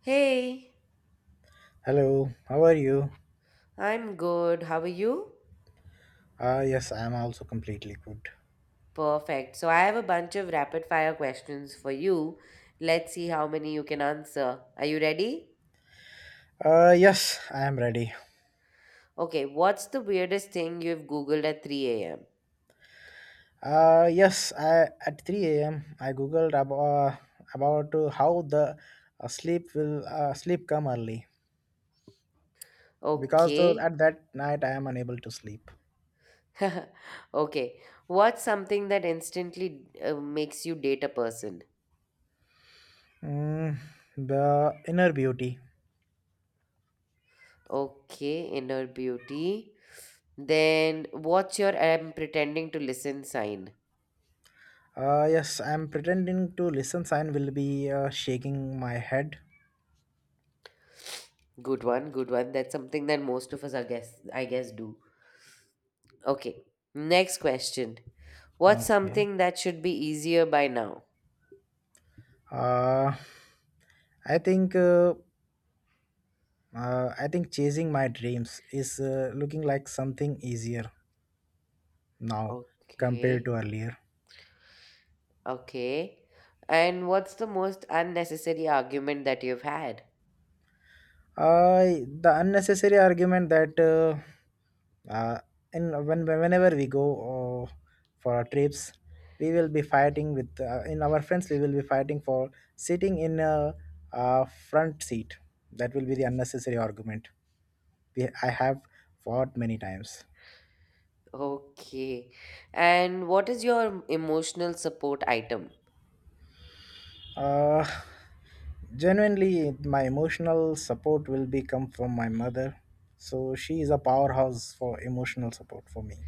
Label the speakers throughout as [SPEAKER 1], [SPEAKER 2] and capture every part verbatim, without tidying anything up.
[SPEAKER 1] Hey,
[SPEAKER 2] Hello, how are you?
[SPEAKER 1] I'm good. How are you?
[SPEAKER 2] Uh, yes, I am also completely good.
[SPEAKER 1] Perfect. So I have a bunch of rapid fire questions for you. Let's see how many you can answer. Are you ready?
[SPEAKER 2] Uh, yes, I am ready.
[SPEAKER 1] Okay, what's the weirdest thing you've Googled at three a m?
[SPEAKER 2] Uh, yes, I, at three a m. I googled about, about uh, how the uh, sleep will uh, sleep come early because uh,
[SPEAKER 1] Okay.
[SPEAKER 2] at that night I am unable to sleep.
[SPEAKER 1] Okay. What's something that instantly uh, makes you date a person?
[SPEAKER 2] Mm, the inner beauty.
[SPEAKER 1] Okay, inner beauty. Then what's your I'm pretending to listen sign?
[SPEAKER 2] Uh, yes, I am pretending to listen. Sign will be uh, shaking my head.
[SPEAKER 1] Good one, good one. That's something that most of us, I guess, I guess, do. Okay, next question. What's
[SPEAKER 2] Okay.
[SPEAKER 1] something that should be easier by now?
[SPEAKER 2] Uh, I think. Uh, Uh, I think chasing my dreams is uh, looking like something easier now compared
[SPEAKER 1] Okay,
[SPEAKER 2] to earlier.
[SPEAKER 1] okay. And what's the most unnecessary argument that you've had?
[SPEAKER 2] I the unnecessary argument that uh, uh, in when whenever we go uh, for our trips, we will be fighting with uh, in our friends. We will be fighting for sitting in a, a front seat. That will be the unnecessary argument. We, I have fought many times.
[SPEAKER 1] Okay. And what is your emotional support item?
[SPEAKER 2] Uh, Genuinely, my emotional support will be come from my mother. So she is a powerhouse for emotional support for me.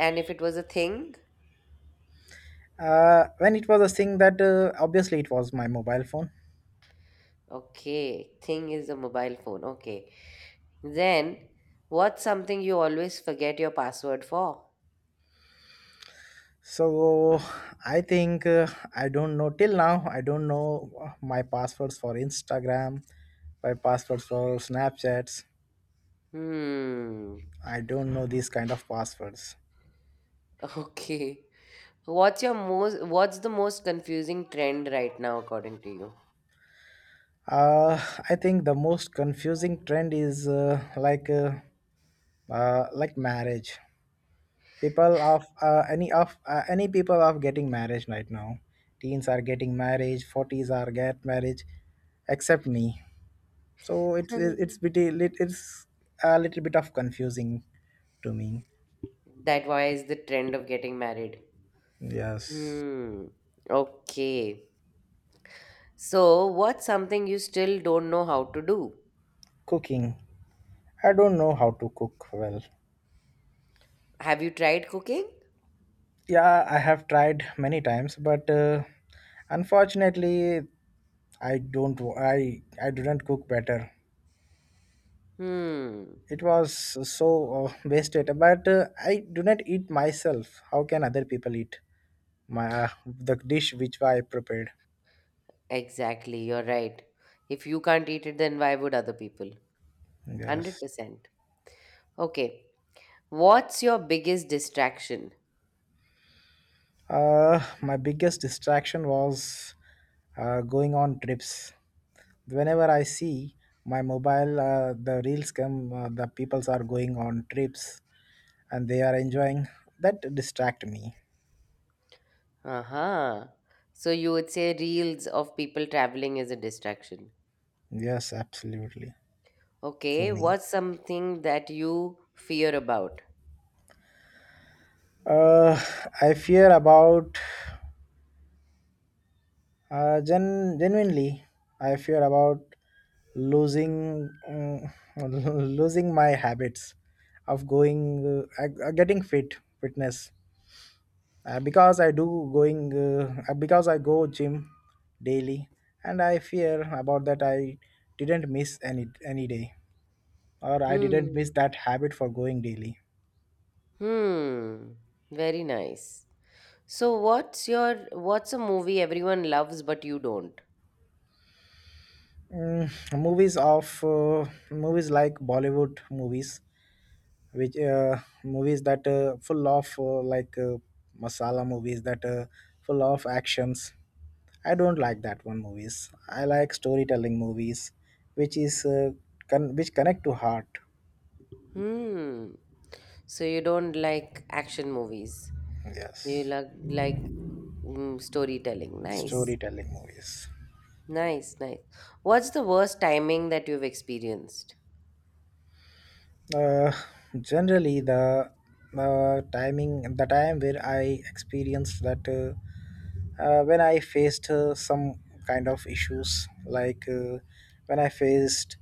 [SPEAKER 1] And if it was a thing?
[SPEAKER 2] Uh, when it was a thing that uh, obviously it was my mobile phone.
[SPEAKER 1] Okay, thing is a mobile phone. Okay. Then, what's something you always forget your password for?
[SPEAKER 2] So I think uh, I don't know till now. I don't know my passwords for Instagram, my passwords for Snapchats.
[SPEAKER 1] Hmm.
[SPEAKER 2] I don't know these kind of passwords.
[SPEAKER 1] Okay. What's your most what's the most confusing trend right now according to you?
[SPEAKER 2] Uh, I think the most confusing trend is uh, like uh, uh, like marriage. People of uh, any of uh, any people of getting marriage right now, teens are getting marriage, forties are get marriage except me, so it's it's pretty lit- it's a little bit of confusing to me.
[SPEAKER 1] That why is the trend of getting married.
[SPEAKER 2] Yes.
[SPEAKER 1] Hmm. Okay. So what's something you still don't know how to do?
[SPEAKER 2] Cooking. I don't know how to cook well.
[SPEAKER 1] Have you tried cooking?
[SPEAKER 2] Yeah, I have tried many times, but uh, unfortunately I don't I I didn't cook better.
[SPEAKER 1] Hmm.
[SPEAKER 2] It was so uh, wasted, but uh, I do not eat myself. How can other people eat my uh, the dish which I prepared?
[SPEAKER 1] Exactly, you're right. If you can't eat it, then why would other people?
[SPEAKER 2] Yes.
[SPEAKER 1] one hundred percent. Okay. What's your biggest distraction?
[SPEAKER 2] Uh, my biggest distraction was uh, going on trips. Whenever I see my mobile, uh, the reels come. Uh, the peoples are going on trips and they are enjoying. That distract me.
[SPEAKER 1] Uh-huh. So you would say reels of people traveling is a distraction.
[SPEAKER 2] Yes, absolutely. For
[SPEAKER 1] Okay,
[SPEAKER 2] me.
[SPEAKER 1] what's something that you fear about?
[SPEAKER 2] Uh, I fear about Uh, gen- genuinely, I fear about losing mm, losing my habits of going uh, uh, getting fit fitness, uh, because I do going uh, uh, because I go gym daily, and I fear about that I didn't miss any any day or I didn't miss
[SPEAKER 1] Hmm.
[SPEAKER 2] that habit for going daily.
[SPEAKER 1] Hmm. Very nice. So what's your what's a movie everyone loves but you don't?
[SPEAKER 2] Mm, movies of uh, movies like Bollywood movies which uh, movies that uh, full of uh, like uh, masala movies that uh, full of actions. I don't like that one movies. I like storytelling movies which is uh, con- which connect to heart.
[SPEAKER 1] Hmm. So you don't like action movies. You
[SPEAKER 2] Yes,
[SPEAKER 1] like like mm, storytelling. Nice.
[SPEAKER 2] storytelling movies.
[SPEAKER 1] Nice, nice. What's the worst timing that you've experienced?
[SPEAKER 2] uh, Generally the the timing, the time where I experienced that uh, uh, when I faced uh, some kind of issues, like uh, when I faced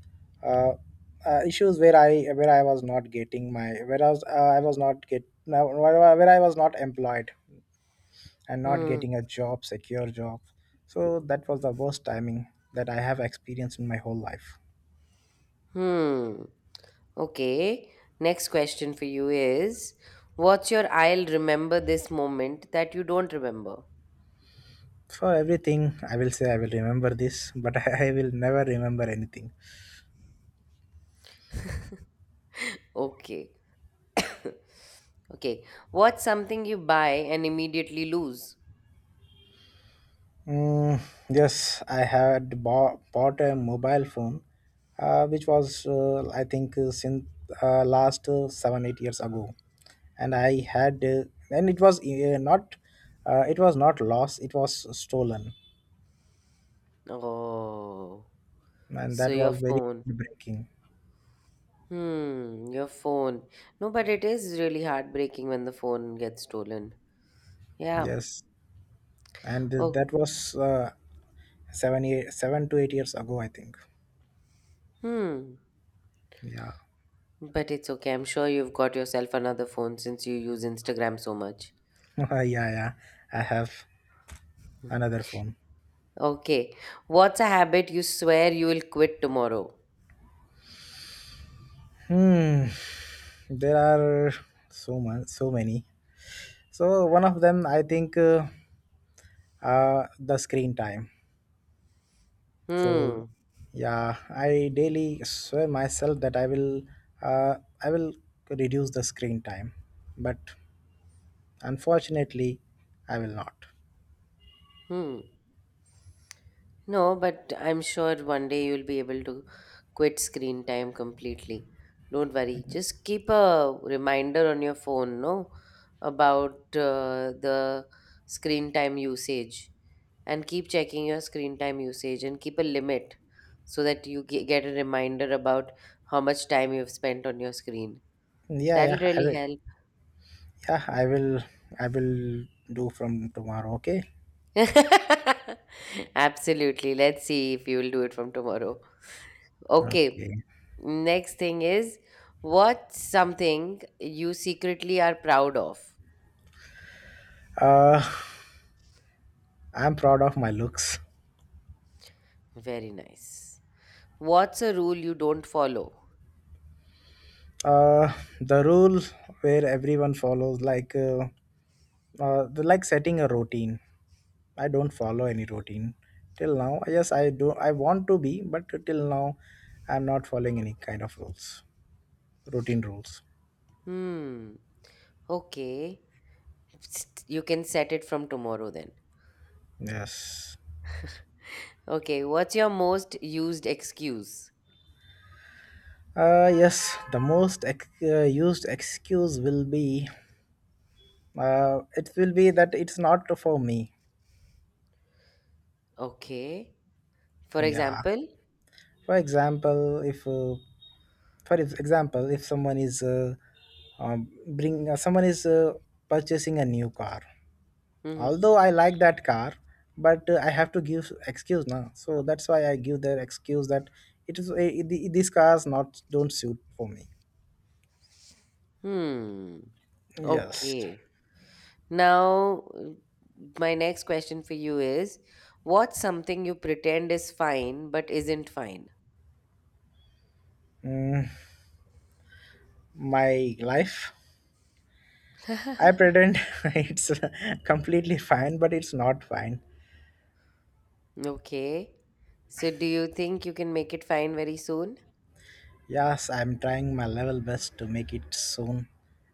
[SPEAKER 2] uh, uh, issues where I where I was not getting my where I was uh, I was not get now where I where I was not employed and not
[SPEAKER 1] Hmm.
[SPEAKER 2] getting a job, secure job. So that was the worst timing that I have experienced in my whole life.
[SPEAKER 1] Hmm. Okay, next question for you is, what's your I'll remember this moment that you don't remember?
[SPEAKER 2] For everything, I will say I will remember this, but I will never remember anything.
[SPEAKER 1] Okay. Okay. What's something you buy and immediately lose?
[SPEAKER 2] Mm, yes, I had bought, bought a mobile phone, uh, which was, uh, I think, uh, since uh, last uh, seven eight years ago, and I had, uh, and it was uh, not, uh, it was not lost, it was stolen,
[SPEAKER 1] Oh.
[SPEAKER 2] and
[SPEAKER 1] So
[SPEAKER 2] that
[SPEAKER 1] your
[SPEAKER 2] was very
[SPEAKER 1] phone.
[SPEAKER 2] breaking.
[SPEAKER 1] Hmm, your phone. No, but it is really heartbreaking when the phone gets stolen. Yeah.
[SPEAKER 2] Yes, and uh,
[SPEAKER 1] Oh,
[SPEAKER 2] that was uh, seven year, seven to eight years ago, I think.
[SPEAKER 1] hmm.
[SPEAKER 2] Yeah,
[SPEAKER 1] But it's okay. I'm sure you've got yourself another phone since you use Instagram so much.
[SPEAKER 2] yeah, yeah. I have another phone.
[SPEAKER 1] Okay. What's a habit you swear you will quit tomorrow?
[SPEAKER 2] Hmm, there are so much, so many. So one of them, I think, uh, uh, the screen time. So
[SPEAKER 1] Hmm.
[SPEAKER 2] yeah, I daily swear myself that I will, uh, I will reduce the screen time, but unfortunately, I will not.
[SPEAKER 1] Hmm. No, but I'm sure one day you'll be able to quit screen time completely. Don't worry. Just keep a reminder on your phone, no, about uh, the screen time usage and keep checking your screen time usage and keep a limit so that you ge- get a reminder about how much time you've spent on your screen.
[SPEAKER 2] Yeah,
[SPEAKER 1] That'll
[SPEAKER 2] yeah, I
[SPEAKER 1] really
[SPEAKER 2] will.
[SPEAKER 1] help.
[SPEAKER 2] Yeah, I will. I will do from tomorrow. Okay.
[SPEAKER 1] Absolutely. Let's see if you will do it from tomorrow. Okay.
[SPEAKER 2] Okay.
[SPEAKER 1] Next thing is what's something you secretly are proud of?
[SPEAKER 2] Uh, I'm proud of my looks.
[SPEAKER 1] Very nice. What's a rule you don't follow?
[SPEAKER 2] Uh, the rule where everyone follows, like, uh, uh, the- like setting a routine. I don't follow any routine till now. Yes, I do. I want to be, but till now, I'm not following any kind of rules, routine rules.
[SPEAKER 1] Hmm. Okay. Psst, you can set it from tomorrow then.
[SPEAKER 2] Yes.
[SPEAKER 1] Okay. What's your most used excuse?
[SPEAKER 2] Uh, yes, the most ex- uh, used excuse will be uh, it will be that it's not for me.
[SPEAKER 1] Okay. For
[SPEAKER 2] Yeah.
[SPEAKER 1] example,
[SPEAKER 2] For example, if uh, for ex- example, if someone is uh, um, bring uh, someone is uh, purchasing a new car,
[SPEAKER 1] hmm.
[SPEAKER 2] although I like that car, but uh, I have to give excuse now, so that's why I give their excuse that it is eh, the- these cars not don't suit for me.
[SPEAKER 1] Hmm.
[SPEAKER 2] Yes.
[SPEAKER 1] Okay. Now, uh, my next question for you is what's something you pretend is fine but isn't fine?
[SPEAKER 2] Mm, my life, I pretend it's completely fine, but it's not fine.
[SPEAKER 1] Okay. So, do you think you can make it fine very soon?
[SPEAKER 2] Yes, I'm trying my level best to make it soon,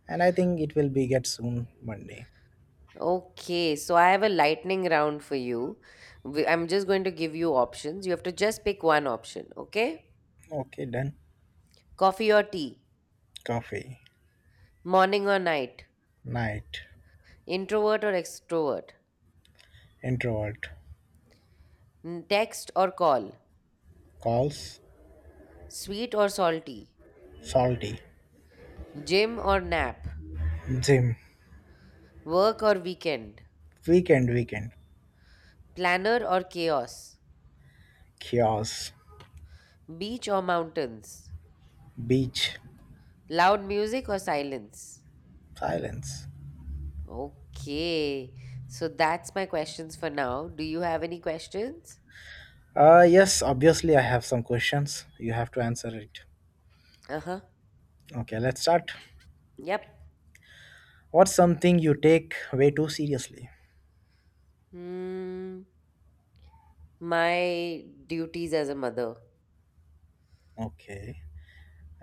[SPEAKER 2] and I think it will be get soon Monday.
[SPEAKER 1] Okay. So, I have a lightning round for you. We- I'm just going to give you options. You have to just pick one option, okay?
[SPEAKER 2] Okay, done.
[SPEAKER 1] Coffee or tea?
[SPEAKER 2] Coffee.
[SPEAKER 1] Morning or night?
[SPEAKER 2] Night.
[SPEAKER 1] Introvert or extrovert?
[SPEAKER 2] Introvert.
[SPEAKER 1] N- Text or call?
[SPEAKER 2] Calls.
[SPEAKER 1] Sweet or salty?
[SPEAKER 2] Salty.
[SPEAKER 1] Gym or nap?
[SPEAKER 2] Gym.
[SPEAKER 1] Work or weekend?
[SPEAKER 2] Weekend, weekend.
[SPEAKER 1] Planner or chaos?
[SPEAKER 2] Chaos.
[SPEAKER 1] Beach or mountains?
[SPEAKER 2] Beach.
[SPEAKER 1] Loud music or silence?
[SPEAKER 2] Silence.
[SPEAKER 1] Okay. So that's my questions for now. Do you have any questions?
[SPEAKER 2] Uh, yes, obviously, I have some questions. You have to answer it.
[SPEAKER 1] Uh huh.
[SPEAKER 2] Okay, let's start.
[SPEAKER 1] Yep.
[SPEAKER 2] What's something you take way too seriously?
[SPEAKER 1] Hmm. My duties as a mother.
[SPEAKER 2] Okay.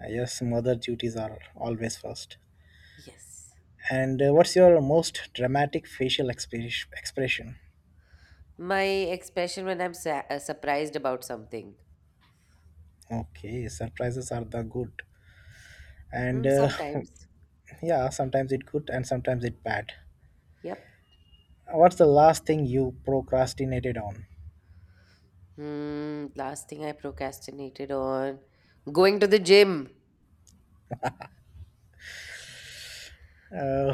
[SPEAKER 2] Uh, yes, mother duties are always first.
[SPEAKER 1] Yes.
[SPEAKER 2] And uh, what's your most dramatic facial expres expression?
[SPEAKER 1] My expression when I'm sa- uh, surprised about something.
[SPEAKER 2] Okay, surprises are the good. And
[SPEAKER 1] Hmm.
[SPEAKER 2] uh,
[SPEAKER 1] Sometimes.
[SPEAKER 2] yeah, sometimes it good and sometimes it bad.
[SPEAKER 1] Yep.
[SPEAKER 2] What's the last thing you procrastinated on?
[SPEAKER 1] Hmm. Last thing I procrastinated on going to the gym.
[SPEAKER 2] Uh,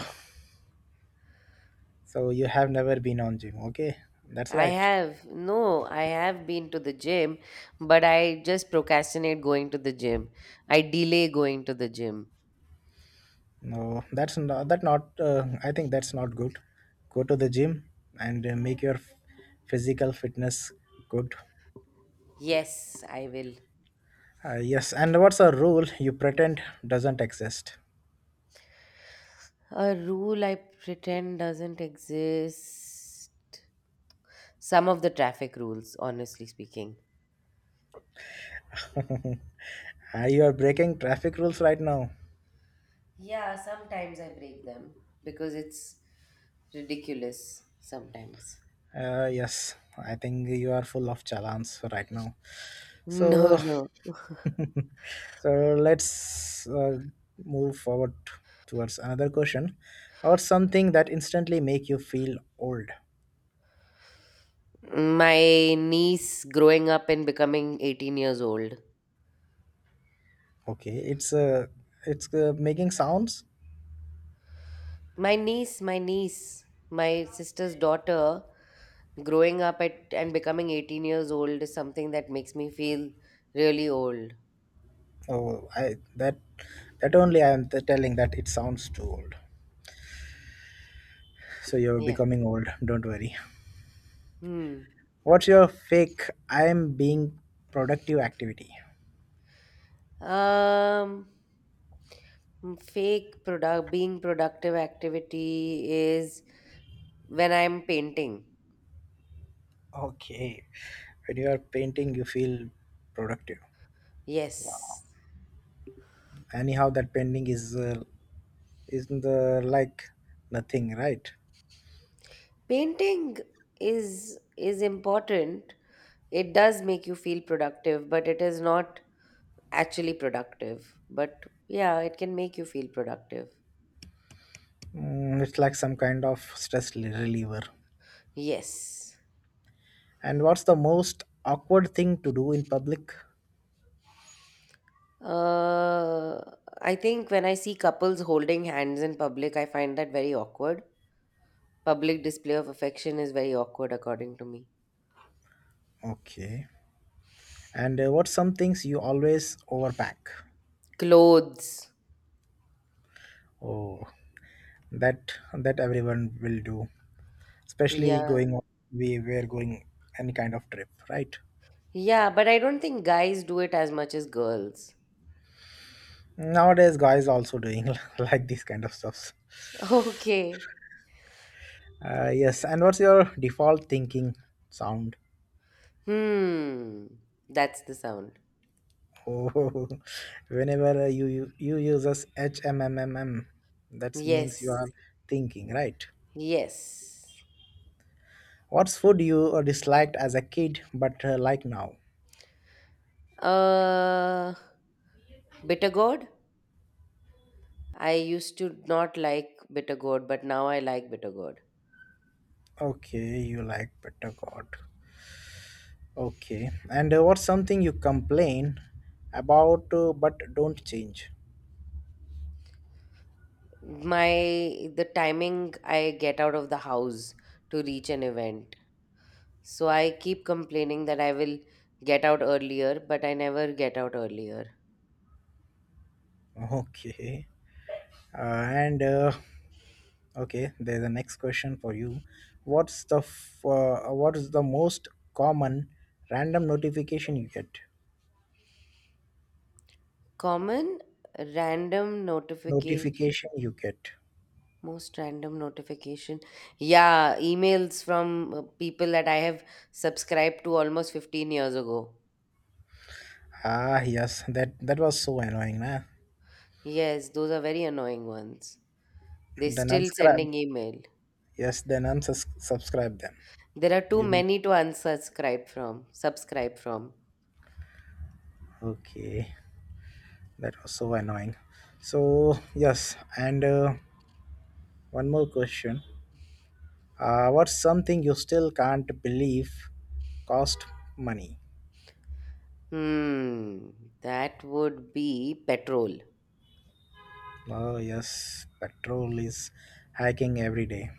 [SPEAKER 2] So you have never been on gym, okay? That's
[SPEAKER 1] I
[SPEAKER 2] right.
[SPEAKER 1] have. No, I have been to the gym, but I just procrastinate going to the gym. I delay going to the gym.
[SPEAKER 2] No, that's not that not. Uh, I think that's not good. Go to the gym and uh, make your f- physical fitness good.
[SPEAKER 1] Yes, I will.
[SPEAKER 2] Uh, yes, and what's a rule you pretend doesn't exist?
[SPEAKER 1] A rule I pretend doesn't exist. Some of the traffic rules, honestly speaking.
[SPEAKER 2] Uh, you are breaking traffic rules right now.
[SPEAKER 1] Yeah, sometimes I break them because it's ridiculous sometimes.
[SPEAKER 2] Uh, yes, I think you are full of challans right now. So
[SPEAKER 1] No, no.
[SPEAKER 2] so let's uh, move forward towards another question, or something that instantly make you feel old.
[SPEAKER 1] My niece growing up and becoming eighteen years old.
[SPEAKER 2] Okay, it's uh, it's uh, making sounds.
[SPEAKER 1] My niece, my niece, my sister's daughter growing up at and becoming eighteen years old is something that makes me feel really old.
[SPEAKER 2] Oh, I that that only I am t- telling that it sounds too old, so you're
[SPEAKER 1] Yeah.
[SPEAKER 2] becoming old, don't worry.
[SPEAKER 1] Hmm.
[SPEAKER 2] What's your fake I am being productive activity?
[SPEAKER 1] Um mm, fake product being productive activity is when I'm painting.
[SPEAKER 2] Okay, when you are painting, you feel productive. Wow,
[SPEAKER 1] Yes.
[SPEAKER 2] anyhow that painting is uh, is the like nothing, right?
[SPEAKER 1] Painting is is important. It does make you feel productive, but it is not actually productive. But yeah, it can make you feel productive.
[SPEAKER 2] Mm, it's like some kind of stress li- reliever.
[SPEAKER 1] Yes.
[SPEAKER 2] And what's the most awkward thing to do in public?
[SPEAKER 1] Uh, I think when I see couples holding hands in public, I find that very awkward. Public display of affection is very awkward, according to me.
[SPEAKER 2] Okay, and uh, what's some things you always overpack?
[SPEAKER 1] Clothes.
[SPEAKER 2] Oh, that that everyone will do, especially
[SPEAKER 1] Yeah.
[SPEAKER 2] going on- we were going any kind of trip, right?
[SPEAKER 1] Yeah, but I don't think guys do it as much as girls.
[SPEAKER 2] Nowadays guys also doing like these kind of stuffs.
[SPEAKER 1] Okay.
[SPEAKER 2] Uh, yes, and what's your default thinking sound?
[SPEAKER 1] Hmm. That's the sound.
[SPEAKER 2] Oh, whenever uh, you you, you use as HMMMM, that means you are
[SPEAKER 1] Yes.
[SPEAKER 2] thinking, right?
[SPEAKER 1] Yes.
[SPEAKER 2] What's food you uh, disliked as a kid but uh, like now?
[SPEAKER 1] Uh, Bitter gourd? I used to not like bitter gourd, but now I like bitter gourd.
[SPEAKER 2] Okay, you like butter god. Okay, and uh, what's something you complain about uh, but don't change?
[SPEAKER 1] My the timing I get out of the house to reach an event. So I keep complaining that I will get out earlier, but I never get out earlier.
[SPEAKER 2] Okay, uh, and uh, okay, there's a next question for you. What's the f- uh, what is the most common random notification you get?
[SPEAKER 1] Common random notification,
[SPEAKER 2] Notification you get.
[SPEAKER 1] Most random notification. Yeah, emails from uh, people that I have subscribed to almost fifteen years ago.
[SPEAKER 2] Ah, yes, that that was so annoying, nah.
[SPEAKER 1] Yes, those are very annoying ones. They're
[SPEAKER 2] Then
[SPEAKER 1] still
[SPEAKER 2] unsubscribe.
[SPEAKER 1] sending email.
[SPEAKER 2] Yes, then unsubscribe them.
[SPEAKER 1] There are too
[SPEAKER 2] You will.
[SPEAKER 1] many to unsubscribe from, subscribe from.
[SPEAKER 2] Okay, that was so annoying. So yes, and uh, one more question. Uh, what's something you still can't believe cost money?
[SPEAKER 1] Hmm, that would be petrol.
[SPEAKER 2] Oh yes, petrol is hiking every day.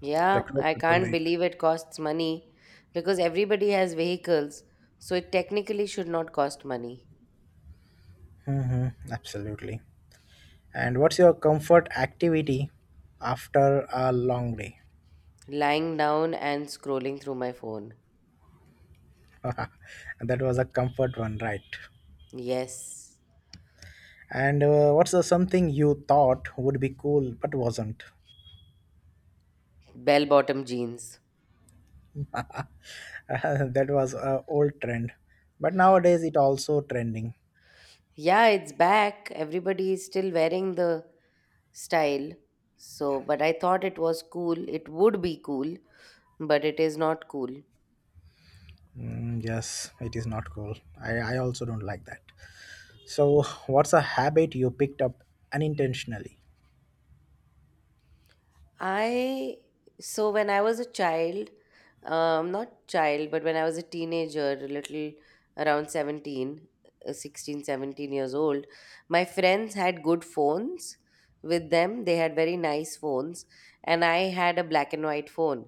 [SPEAKER 1] Yeah,
[SPEAKER 2] Petrol,
[SPEAKER 1] I
[SPEAKER 2] petrol
[SPEAKER 1] can't
[SPEAKER 2] rate.
[SPEAKER 1] believe it costs money because everybody has vehicles, so it technically should not cost money.
[SPEAKER 2] Mm-hmm, absolutely. And what's your comfort activity after a long day?
[SPEAKER 1] Lying down and scrolling through my phone.
[SPEAKER 2] That was a comfort one, right?
[SPEAKER 1] Yes,
[SPEAKER 2] And uh, what's the something you thought would be cool but wasn't?
[SPEAKER 1] bell bottom jeans.
[SPEAKER 2] That was a old trend, but nowadays it also trending.
[SPEAKER 1] Yeah, it's back. Everybody is still wearing the style. So, but I thought it was cool. It would be cool, but it is not cool.
[SPEAKER 2] Mm, yes, it is not cool. I, I also don't like that. So, what's a habit you picked up unintentionally?
[SPEAKER 1] I so when I was a child, um, not child, but when I was a teenager, a little around seventeen, uh, sixteen, seventeen years old, my friends had good phones with them. They had very nice phones, and I had a black and white phone.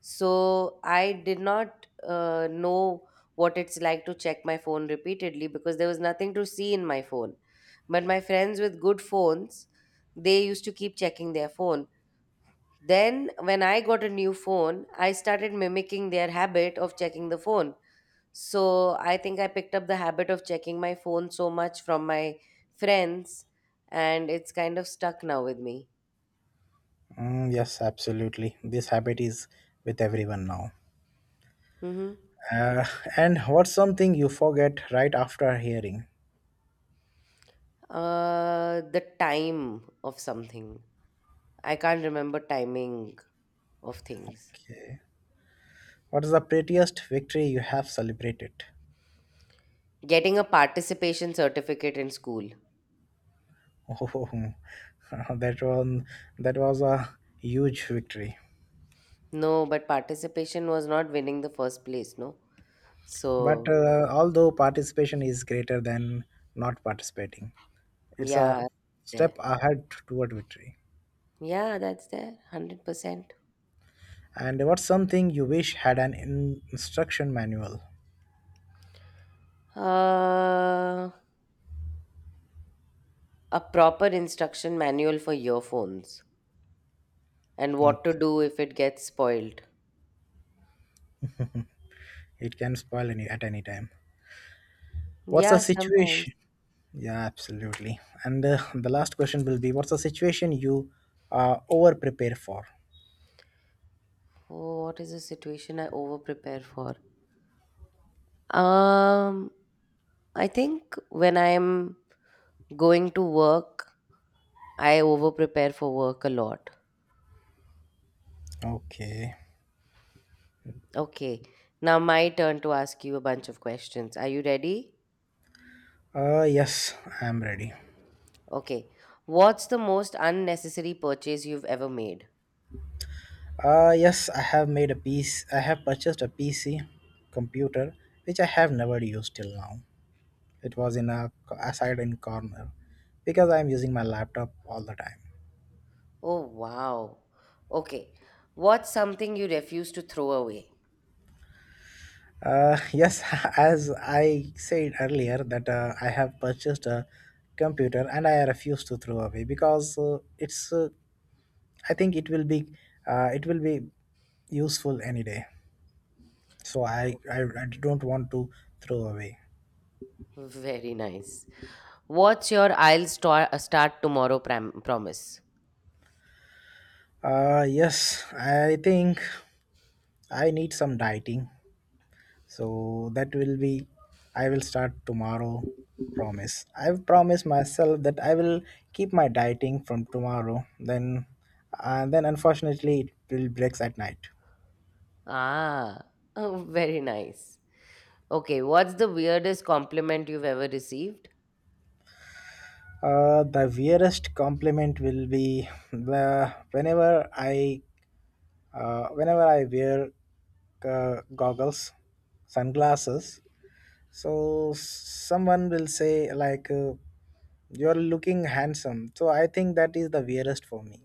[SPEAKER 1] So I did not uh, know what it's like to check my phone repeatedly because there was nothing to see in my phone. But my friends with good phones, they used to keep checking their phone then, when I got a new phone, I started mimicking their habit of checking the phone. So, I think I picked up the habit of checking my phone so much from my friends, and it's kind of stuck now with me.
[SPEAKER 2] Mm, yes, absolutely. This habit is with everyone now.
[SPEAKER 1] hmm
[SPEAKER 2] Uh, and what's something you forget right after hearing?
[SPEAKER 1] Uh, the time of something. I can't remember timing of things.
[SPEAKER 2] Okay. What is the prettiest victory you have celebrated?
[SPEAKER 1] Getting a participation certificate in school.
[SPEAKER 2] Oh, that one, that was a huge victory.
[SPEAKER 1] No, but participation was not winning the first place, no?
[SPEAKER 2] But
[SPEAKER 1] So,
[SPEAKER 2] uh, although participation is greater than not participating, it's
[SPEAKER 1] yeah,
[SPEAKER 2] a
[SPEAKER 1] there.
[SPEAKER 2] step ahead toward victory.
[SPEAKER 1] Yeah, that's there, one hundred percent.
[SPEAKER 2] And what's something you wish had an in- instruction manual?
[SPEAKER 1] Uh, a proper instruction manual for earphones and what to
[SPEAKER 2] Okay,
[SPEAKER 1] do if it gets spoiled.
[SPEAKER 2] it can spoil any at any time. What's the
[SPEAKER 1] Yeah, sometimes.
[SPEAKER 2] situation? Yeah, absolutely. And uh, the last question will be: what's the situation you uh, over prepare for?
[SPEAKER 1] Oh, what is a situation I over prepare for? Um, I think when I'm going to work, I over prepare for work a lot.
[SPEAKER 2] Okay.
[SPEAKER 1] Okay, now my turn to ask you a bunch of questions. Are you ready?
[SPEAKER 2] Uh, yes, I am ready.
[SPEAKER 1] Okay. What's the most unnecessary purchase you've ever made?
[SPEAKER 2] Uh, yes, I have made a piece. I have purchased a P C computer which I have never used till now. It was in a, a side in corner because I am using my laptop all the time.
[SPEAKER 1] Oh, wow. Okay. What's something you refuse to throw away?
[SPEAKER 2] Uh, yes, as I said earlier that uh, I have purchased a computer and I refuse to throw away because uh, it's. Uh, I think it will be. Uh, it will be useful any day. So I,
[SPEAKER 1] Oh,
[SPEAKER 2] I, I don't want to throw away.
[SPEAKER 1] very nice. What's your I'll star- start tomorrow pram- promise?
[SPEAKER 2] Uh, yes, I think I need some dieting, so that will be I will start tomorrow. Promise. I've promised myself that I will keep my dieting from tomorrow. Then, and then unfortunately, it will breaks at night.
[SPEAKER 1] Ah, oh, very nice. Okay. What's the weirdest compliment you've ever received?
[SPEAKER 2] Uh, the weirdest compliment will be the whenever I uh, whenever I wear uh, goggles, sunglasses. So someone will say like uh, you're looking handsome. So I think that is the weirdest for me.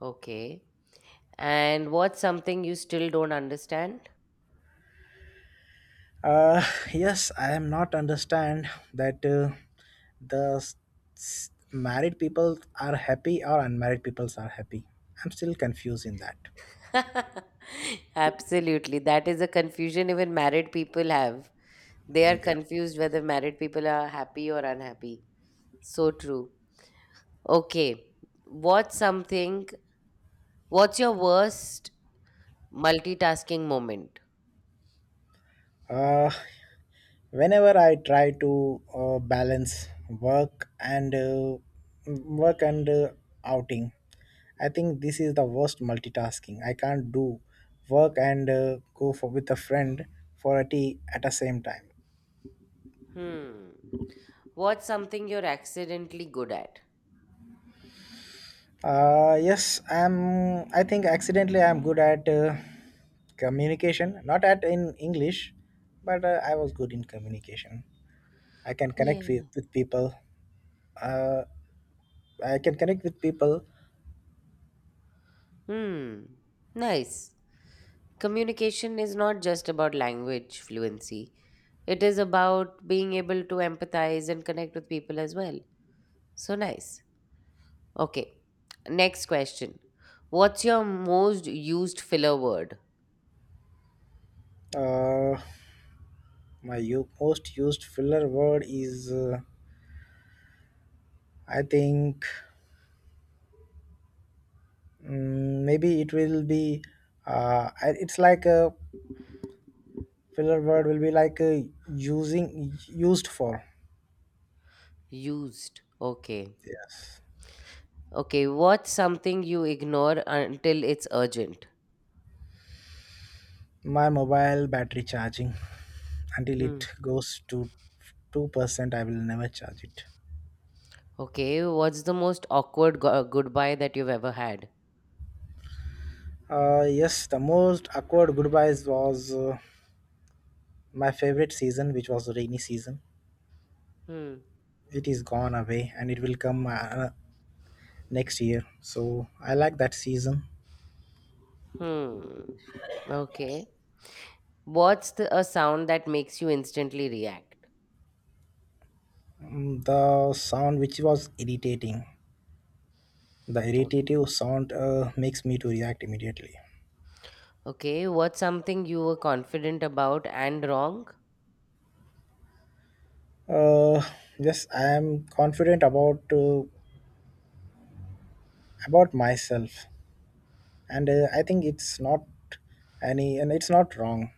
[SPEAKER 1] Okay. And what's something you still don't understand?
[SPEAKER 2] Uh, yes, I am not understand that uh, the s- s- married people are happy or unmarried peoples are happy. I'm still confused in that.
[SPEAKER 1] Absolutely. That is a confusion even married people have. They are
[SPEAKER 2] Yeah.
[SPEAKER 1] confused whether married people are happy or unhappy. So true. Okay. What's something? What's your worst multitasking moment?
[SPEAKER 2] Uh, Whenever I try to uh, balance work and uh, work and uh, outing, I think this is the worst multitasking. I can't do work and uh, go for with a friend for a tea at the same time.
[SPEAKER 1] Hmm. What's something you're accidentally good at?
[SPEAKER 2] Uh, yes, I'm. I think accidentally I'm good at uh, communication. Not at in English, but uh, I was good in communication. I can connect with,
[SPEAKER 1] Yeah.
[SPEAKER 2] with people. Uh, I can connect with people.
[SPEAKER 1] Hmm. Nice. Communication is not just about language fluency. It is about being able to empathize and connect with people as well. So nice. Okay. Next question. What's your most used filler word?
[SPEAKER 2] Uh, my u- most used filler word is. Uh, I think mm, maybe it will be. Uh, I- it's like a filler word will be like uh, using used for.
[SPEAKER 1] Used. Okay.
[SPEAKER 2] Yes,
[SPEAKER 1] Okay, what's something you ignore until it's urgent?
[SPEAKER 2] my mobile battery charging, until
[SPEAKER 1] Hmm.
[SPEAKER 2] it goes to two percent, I will never charge it.
[SPEAKER 1] Okay, what's the most awkward go- goodbye that you've ever had?
[SPEAKER 2] Uh, yes, the most awkward goodbyes was uh, my favorite season, which was rainy season.
[SPEAKER 1] Hmm.
[SPEAKER 2] It is gone away and it will come uh, next year, so I like that season.
[SPEAKER 1] Hmm. Okay. What's the, a sound that makes you instantly react?
[SPEAKER 2] Mm, the sound which was irritating, the
[SPEAKER 1] Okay.
[SPEAKER 2] irritative sound uh, makes me to react immediately.
[SPEAKER 1] Okay, what's something you were confident about and wrong?
[SPEAKER 2] uh, yes, I am confident about uh, about myself, and uh, I think it's not any and it's not wrong.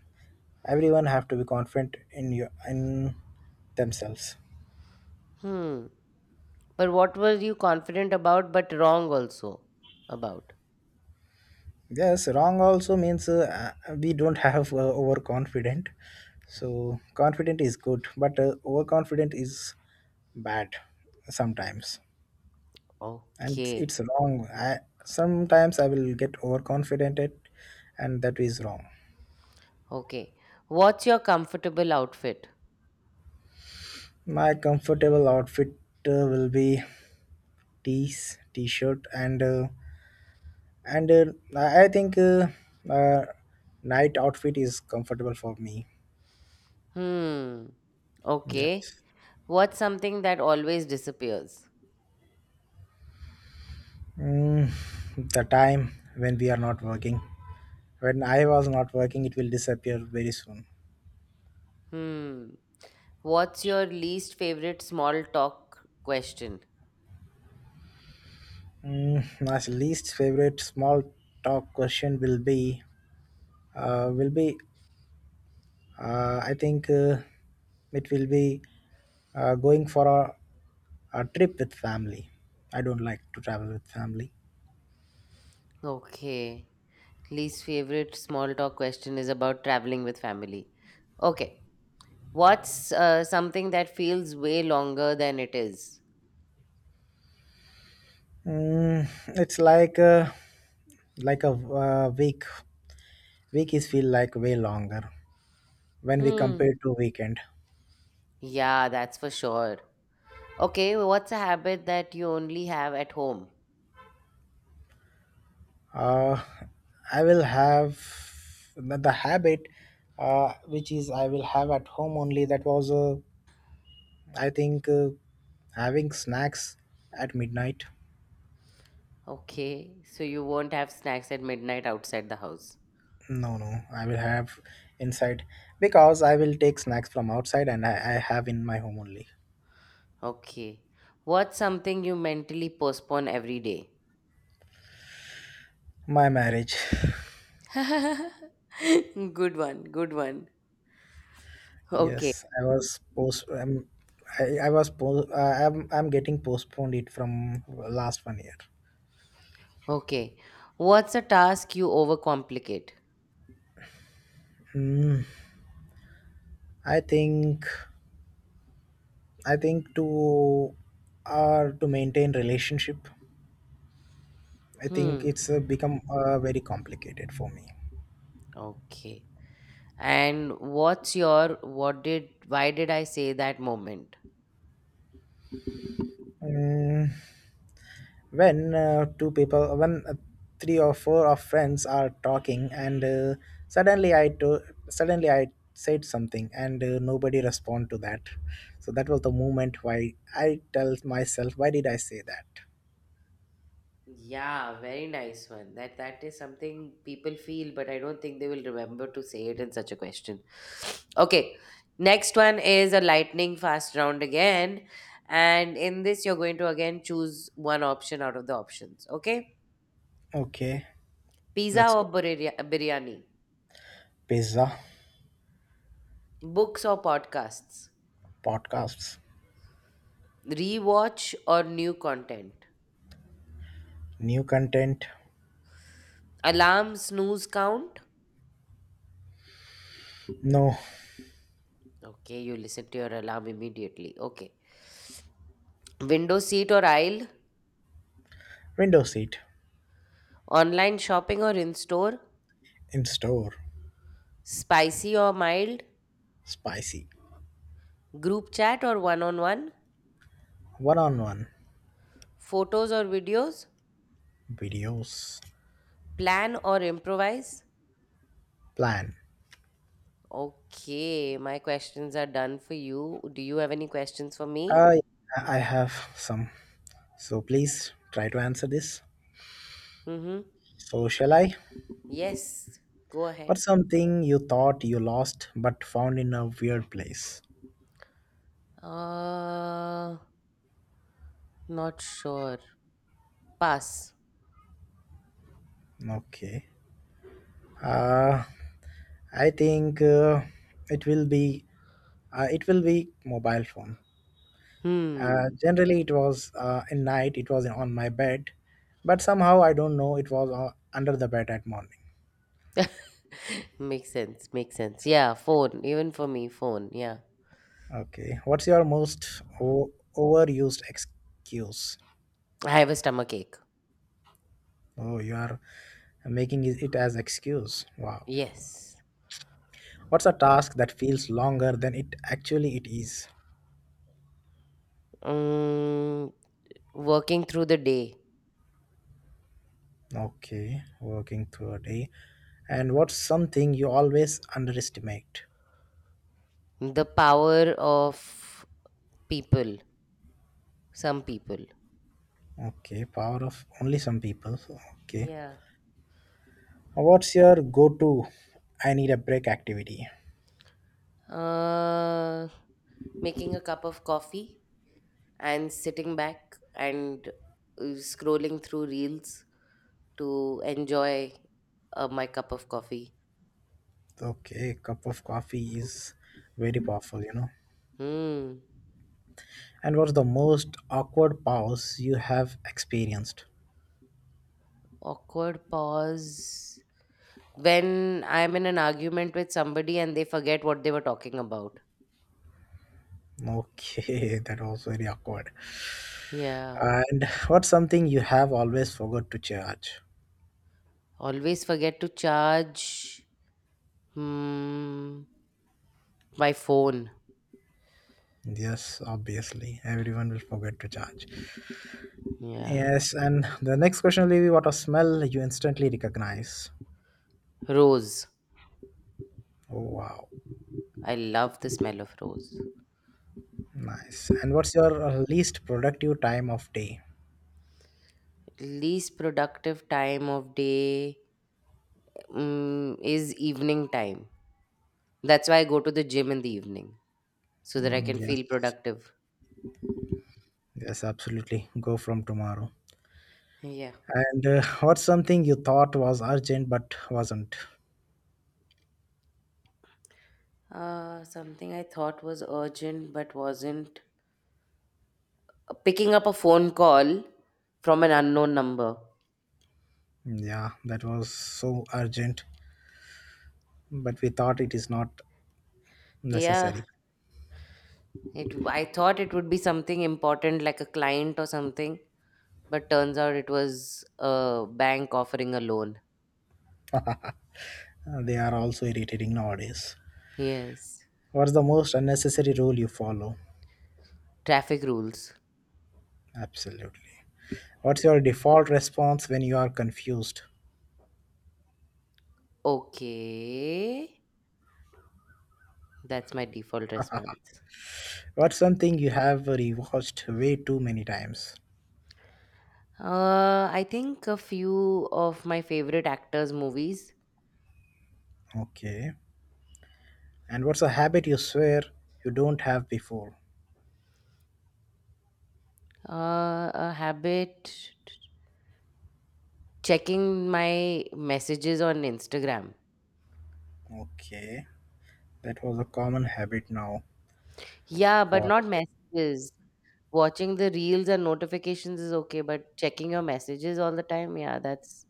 [SPEAKER 2] Everyone have to be confident in your in themselves.
[SPEAKER 1] Hmm. But what were you confident about but wrong also about?
[SPEAKER 2] Yes, wrong also means uh, uh, we don't have uh, overconfident. So confident is good, but uh, overconfident is bad sometimes. And
[SPEAKER 1] Okay.
[SPEAKER 2] it's wrong. I, sometimes I will get overconfident at- and that is wrong.
[SPEAKER 1] Okay. What's your comfortable outfit?
[SPEAKER 2] My comfortable outfit uh, will be tees, t-shirt, and uh, and uh, I think uh, uh, night outfit is comfortable for me.
[SPEAKER 1] Hmm. Okay.
[SPEAKER 2] Yes.
[SPEAKER 1] What's something that always disappears?
[SPEAKER 2] mm, the time when we are not working, when I was not working, it will disappear very soon.
[SPEAKER 1] Hmm. What's your least favorite small talk question?
[SPEAKER 2] mm, my least favorite small talk question will be uh, will be uh, I think uh, it will be uh, going for a, a trip with family. I don't like to travel with family.
[SPEAKER 1] Okay. Least favorite small talk question is about traveling with family. Okay. What's uh, something that feels way longer than it is?
[SPEAKER 2] Mm, it's like a, like a uh, week Weeks feel like way longer when we
[SPEAKER 1] Hmm.
[SPEAKER 2] compare to weekend.
[SPEAKER 1] Yeah, that's for sure. Okay. Well, what's a habit that you only have at home?
[SPEAKER 2] Uh, I will have the, the habit, uh, which is I will have at home only. That was, uh, I think, uh, having snacks at midnight.
[SPEAKER 1] Okay. So you won't have snacks at midnight outside the house.
[SPEAKER 2] No, no, I will have inside, because I will take snacks from outside and I, I have in my home only.
[SPEAKER 1] Okay. What's something you mentally postpone every day?
[SPEAKER 2] My marriage.
[SPEAKER 1] Good one, good one. Okay.
[SPEAKER 2] Yes, I was post. Um, I, I was post. Uh, I'm I'm getting postponed it from last one year.
[SPEAKER 1] Okay. What's a task you overcomplicate?
[SPEAKER 2] Mm, I think I think to uh, to maintain relationship, I think
[SPEAKER 1] Hmm.
[SPEAKER 2] it's uh, become uh, very complicated for me.
[SPEAKER 1] Okay. And what's your what did why did I say that moment?
[SPEAKER 2] Mm, when uh, two people, when uh, three or four of friends are talking, and uh, suddenly I to, suddenly I said something, and uh, nobody respond to that. So that was the moment why I tell myself, why did I say that?
[SPEAKER 1] Yeah, very nice one. That that is something people feel, but I don't think they will remember to say it in such a question. Okay. Next one is a lightning fast round again. And in this, you're going to again choose one option out of the options. Okay.
[SPEAKER 2] Okay,
[SPEAKER 1] Pizza
[SPEAKER 2] let's
[SPEAKER 1] or
[SPEAKER 2] go.
[SPEAKER 1] birya- biryani?
[SPEAKER 2] Pizza.
[SPEAKER 1] Books or podcasts?
[SPEAKER 2] Podcasts.
[SPEAKER 1] Rewatch or new content?
[SPEAKER 2] New content.
[SPEAKER 1] Alarm snooze count?
[SPEAKER 2] No.
[SPEAKER 1] Okay, you listen to your alarm immediately. Okay. Window seat or aisle?
[SPEAKER 2] Window seat.
[SPEAKER 1] Online shopping or in store?
[SPEAKER 2] In store.
[SPEAKER 1] Spicy or mild,
[SPEAKER 2] Spicy.
[SPEAKER 1] group chat or one on one,
[SPEAKER 2] One-on-one.
[SPEAKER 1] photos or videos,
[SPEAKER 2] Videos.
[SPEAKER 1] plan or improvise.
[SPEAKER 2] Plan.
[SPEAKER 1] Okay, my questions are done for you. Do you have any questions for me?
[SPEAKER 2] I i have some, so please try to answer this.
[SPEAKER 1] Mm-hmm.
[SPEAKER 2] So shall I?
[SPEAKER 1] Yes, go ahead.
[SPEAKER 2] What's something you thought you lost but found in a weird place?
[SPEAKER 1] Uh, not sure. Pass.
[SPEAKER 2] Okay. uh I think uh, it will be uh, it will be mobile phone. Uh,
[SPEAKER 1] Hmm.
[SPEAKER 2] generally it was, uh, in night it was on my bed, but somehow I don't know, it was uh, under the bed at morning.
[SPEAKER 1] Makes sense. Makes sense. Yeah, phone. Even for me, phone. Yeah.
[SPEAKER 2] Okay. What's your most o- overused excuse?
[SPEAKER 1] I have a stomach ache.
[SPEAKER 2] Oh, you are making it it as excuse. Wow.
[SPEAKER 1] Yes.
[SPEAKER 2] What's a task that feels longer than it actually it is?
[SPEAKER 1] Mm, working through the day.
[SPEAKER 2] Okay, working through a day. And what's something you always underestimate?
[SPEAKER 1] The power of people, some people.
[SPEAKER 2] Okay, power of only some people. Okay.
[SPEAKER 1] Yeah.
[SPEAKER 2] What's your go-to I need a break activity?
[SPEAKER 1] Uh, making a cup of coffee and sitting back and uh, scrolling through reels to enjoy uh, my cup of coffee.
[SPEAKER 2] Okay, cup of coffee is very powerful, you know.
[SPEAKER 1] Hmm.
[SPEAKER 2] And what's the most awkward pause you have experienced?
[SPEAKER 1] Awkward pause. When I'm in an argument with somebody and they forget what they were talking about.
[SPEAKER 2] Okay, that was very awkward.
[SPEAKER 1] Yeah.
[SPEAKER 2] And what's something you have always forgot to charge?
[SPEAKER 1] Always forget to charge hmm, my phone.
[SPEAKER 2] Yes, obviously, everyone will forget to charge.
[SPEAKER 1] Yeah.
[SPEAKER 2] Yes, and the next question will be what a smell you instantly recognize.
[SPEAKER 1] Rose.
[SPEAKER 2] Oh, wow,
[SPEAKER 1] I love the smell of rose.
[SPEAKER 2] nice. And what's your uh, least productive time of day?
[SPEAKER 1] Least productive time of day mm, is evening time. That's why I go to the gym in the evening so that I
[SPEAKER 2] Mm,
[SPEAKER 1] can feel
[SPEAKER 2] yes,
[SPEAKER 1] productive.
[SPEAKER 2] yes, absolutely. Go from tomorrow.
[SPEAKER 1] Yeah.
[SPEAKER 2] And uh, what's something you thought was urgent but wasn't?
[SPEAKER 1] Uh, something I thought was urgent but wasn't. Picking up a phone call from an unknown number.
[SPEAKER 2] Yeah, that was so urgent, but we thought it is not
[SPEAKER 1] Yeah,
[SPEAKER 2] necessary.
[SPEAKER 1] it. I thought it would be something important like a client or something, but turns out it was a bank offering a loan.
[SPEAKER 2] Uh, they are also irritating nowadays.
[SPEAKER 1] Yes.
[SPEAKER 2] What's the most unnecessary rule you follow?
[SPEAKER 1] Traffic rules.
[SPEAKER 2] Absolutely. What's your default response when you are confused?
[SPEAKER 1] Okay. That's my default response.
[SPEAKER 2] What's something you have rewatched way too many times?
[SPEAKER 1] Uh, I think a few of my favorite actors' movies.
[SPEAKER 2] Okay. And what's a habit you swear you don't have before?
[SPEAKER 1] Uh, a habit checking my messages on Instagram.
[SPEAKER 2] Okay. That was a common habit now
[SPEAKER 1] Yeah, but
[SPEAKER 2] for
[SPEAKER 1] not
[SPEAKER 2] the
[SPEAKER 1] messages. Watching the reels and notifications is okay, but checking your messages all the time, yeah, that's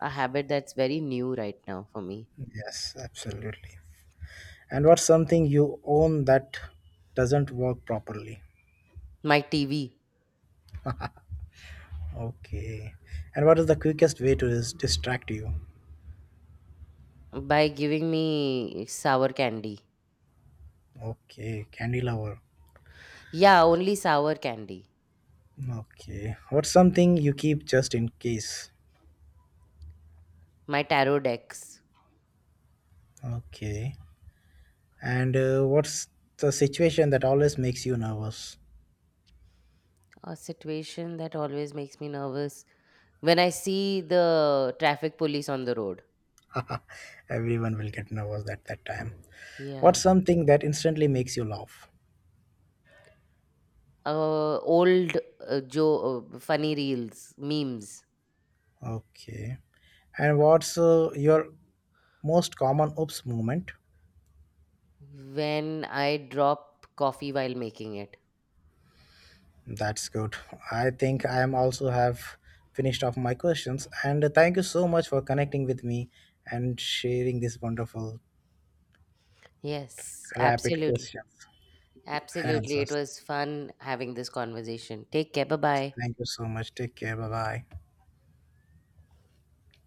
[SPEAKER 1] a habit that's very new right now for me.
[SPEAKER 2] big. Yes, absolutely. And what's something you own that doesn't work properly?
[SPEAKER 1] My T V
[SPEAKER 2] Okay. And what is the quickest way to dis- distract you?
[SPEAKER 1] by giving me sour candy.
[SPEAKER 2] Okay, candy lover.
[SPEAKER 1] Yeah, only sour candy.
[SPEAKER 2] Okay. What's something you keep just in case?
[SPEAKER 1] My tarot decks.
[SPEAKER 2] Okay. And uh, what's the situation that always makes you nervous?
[SPEAKER 1] A situation that always makes me nervous when I see the traffic police on the road.
[SPEAKER 2] Everyone will get nervous at that time. What's
[SPEAKER 1] Yeah.
[SPEAKER 2] something that instantly makes you laugh?
[SPEAKER 1] Uh, old uh, Joe, uh, funny reels, memes.
[SPEAKER 2] Okay. And what's uh, your most common oops moment?
[SPEAKER 1] When I drop coffee while making it.
[SPEAKER 2] That's good. I think I am also have finished off my questions, and thank you so much for connecting with me and sharing these wonderful
[SPEAKER 1] Yes,
[SPEAKER 2] rapid
[SPEAKER 1] absolutely.
[SPEAKER 2] questions and
[SPEAKER 1] Absolutely. It
[SPEAKER 2] answers.
[SPEAKER 1] was fun having this conversation. Take care. Bye bye.
[SPEAKER 2] Thank you so much. Take care. Bye bye.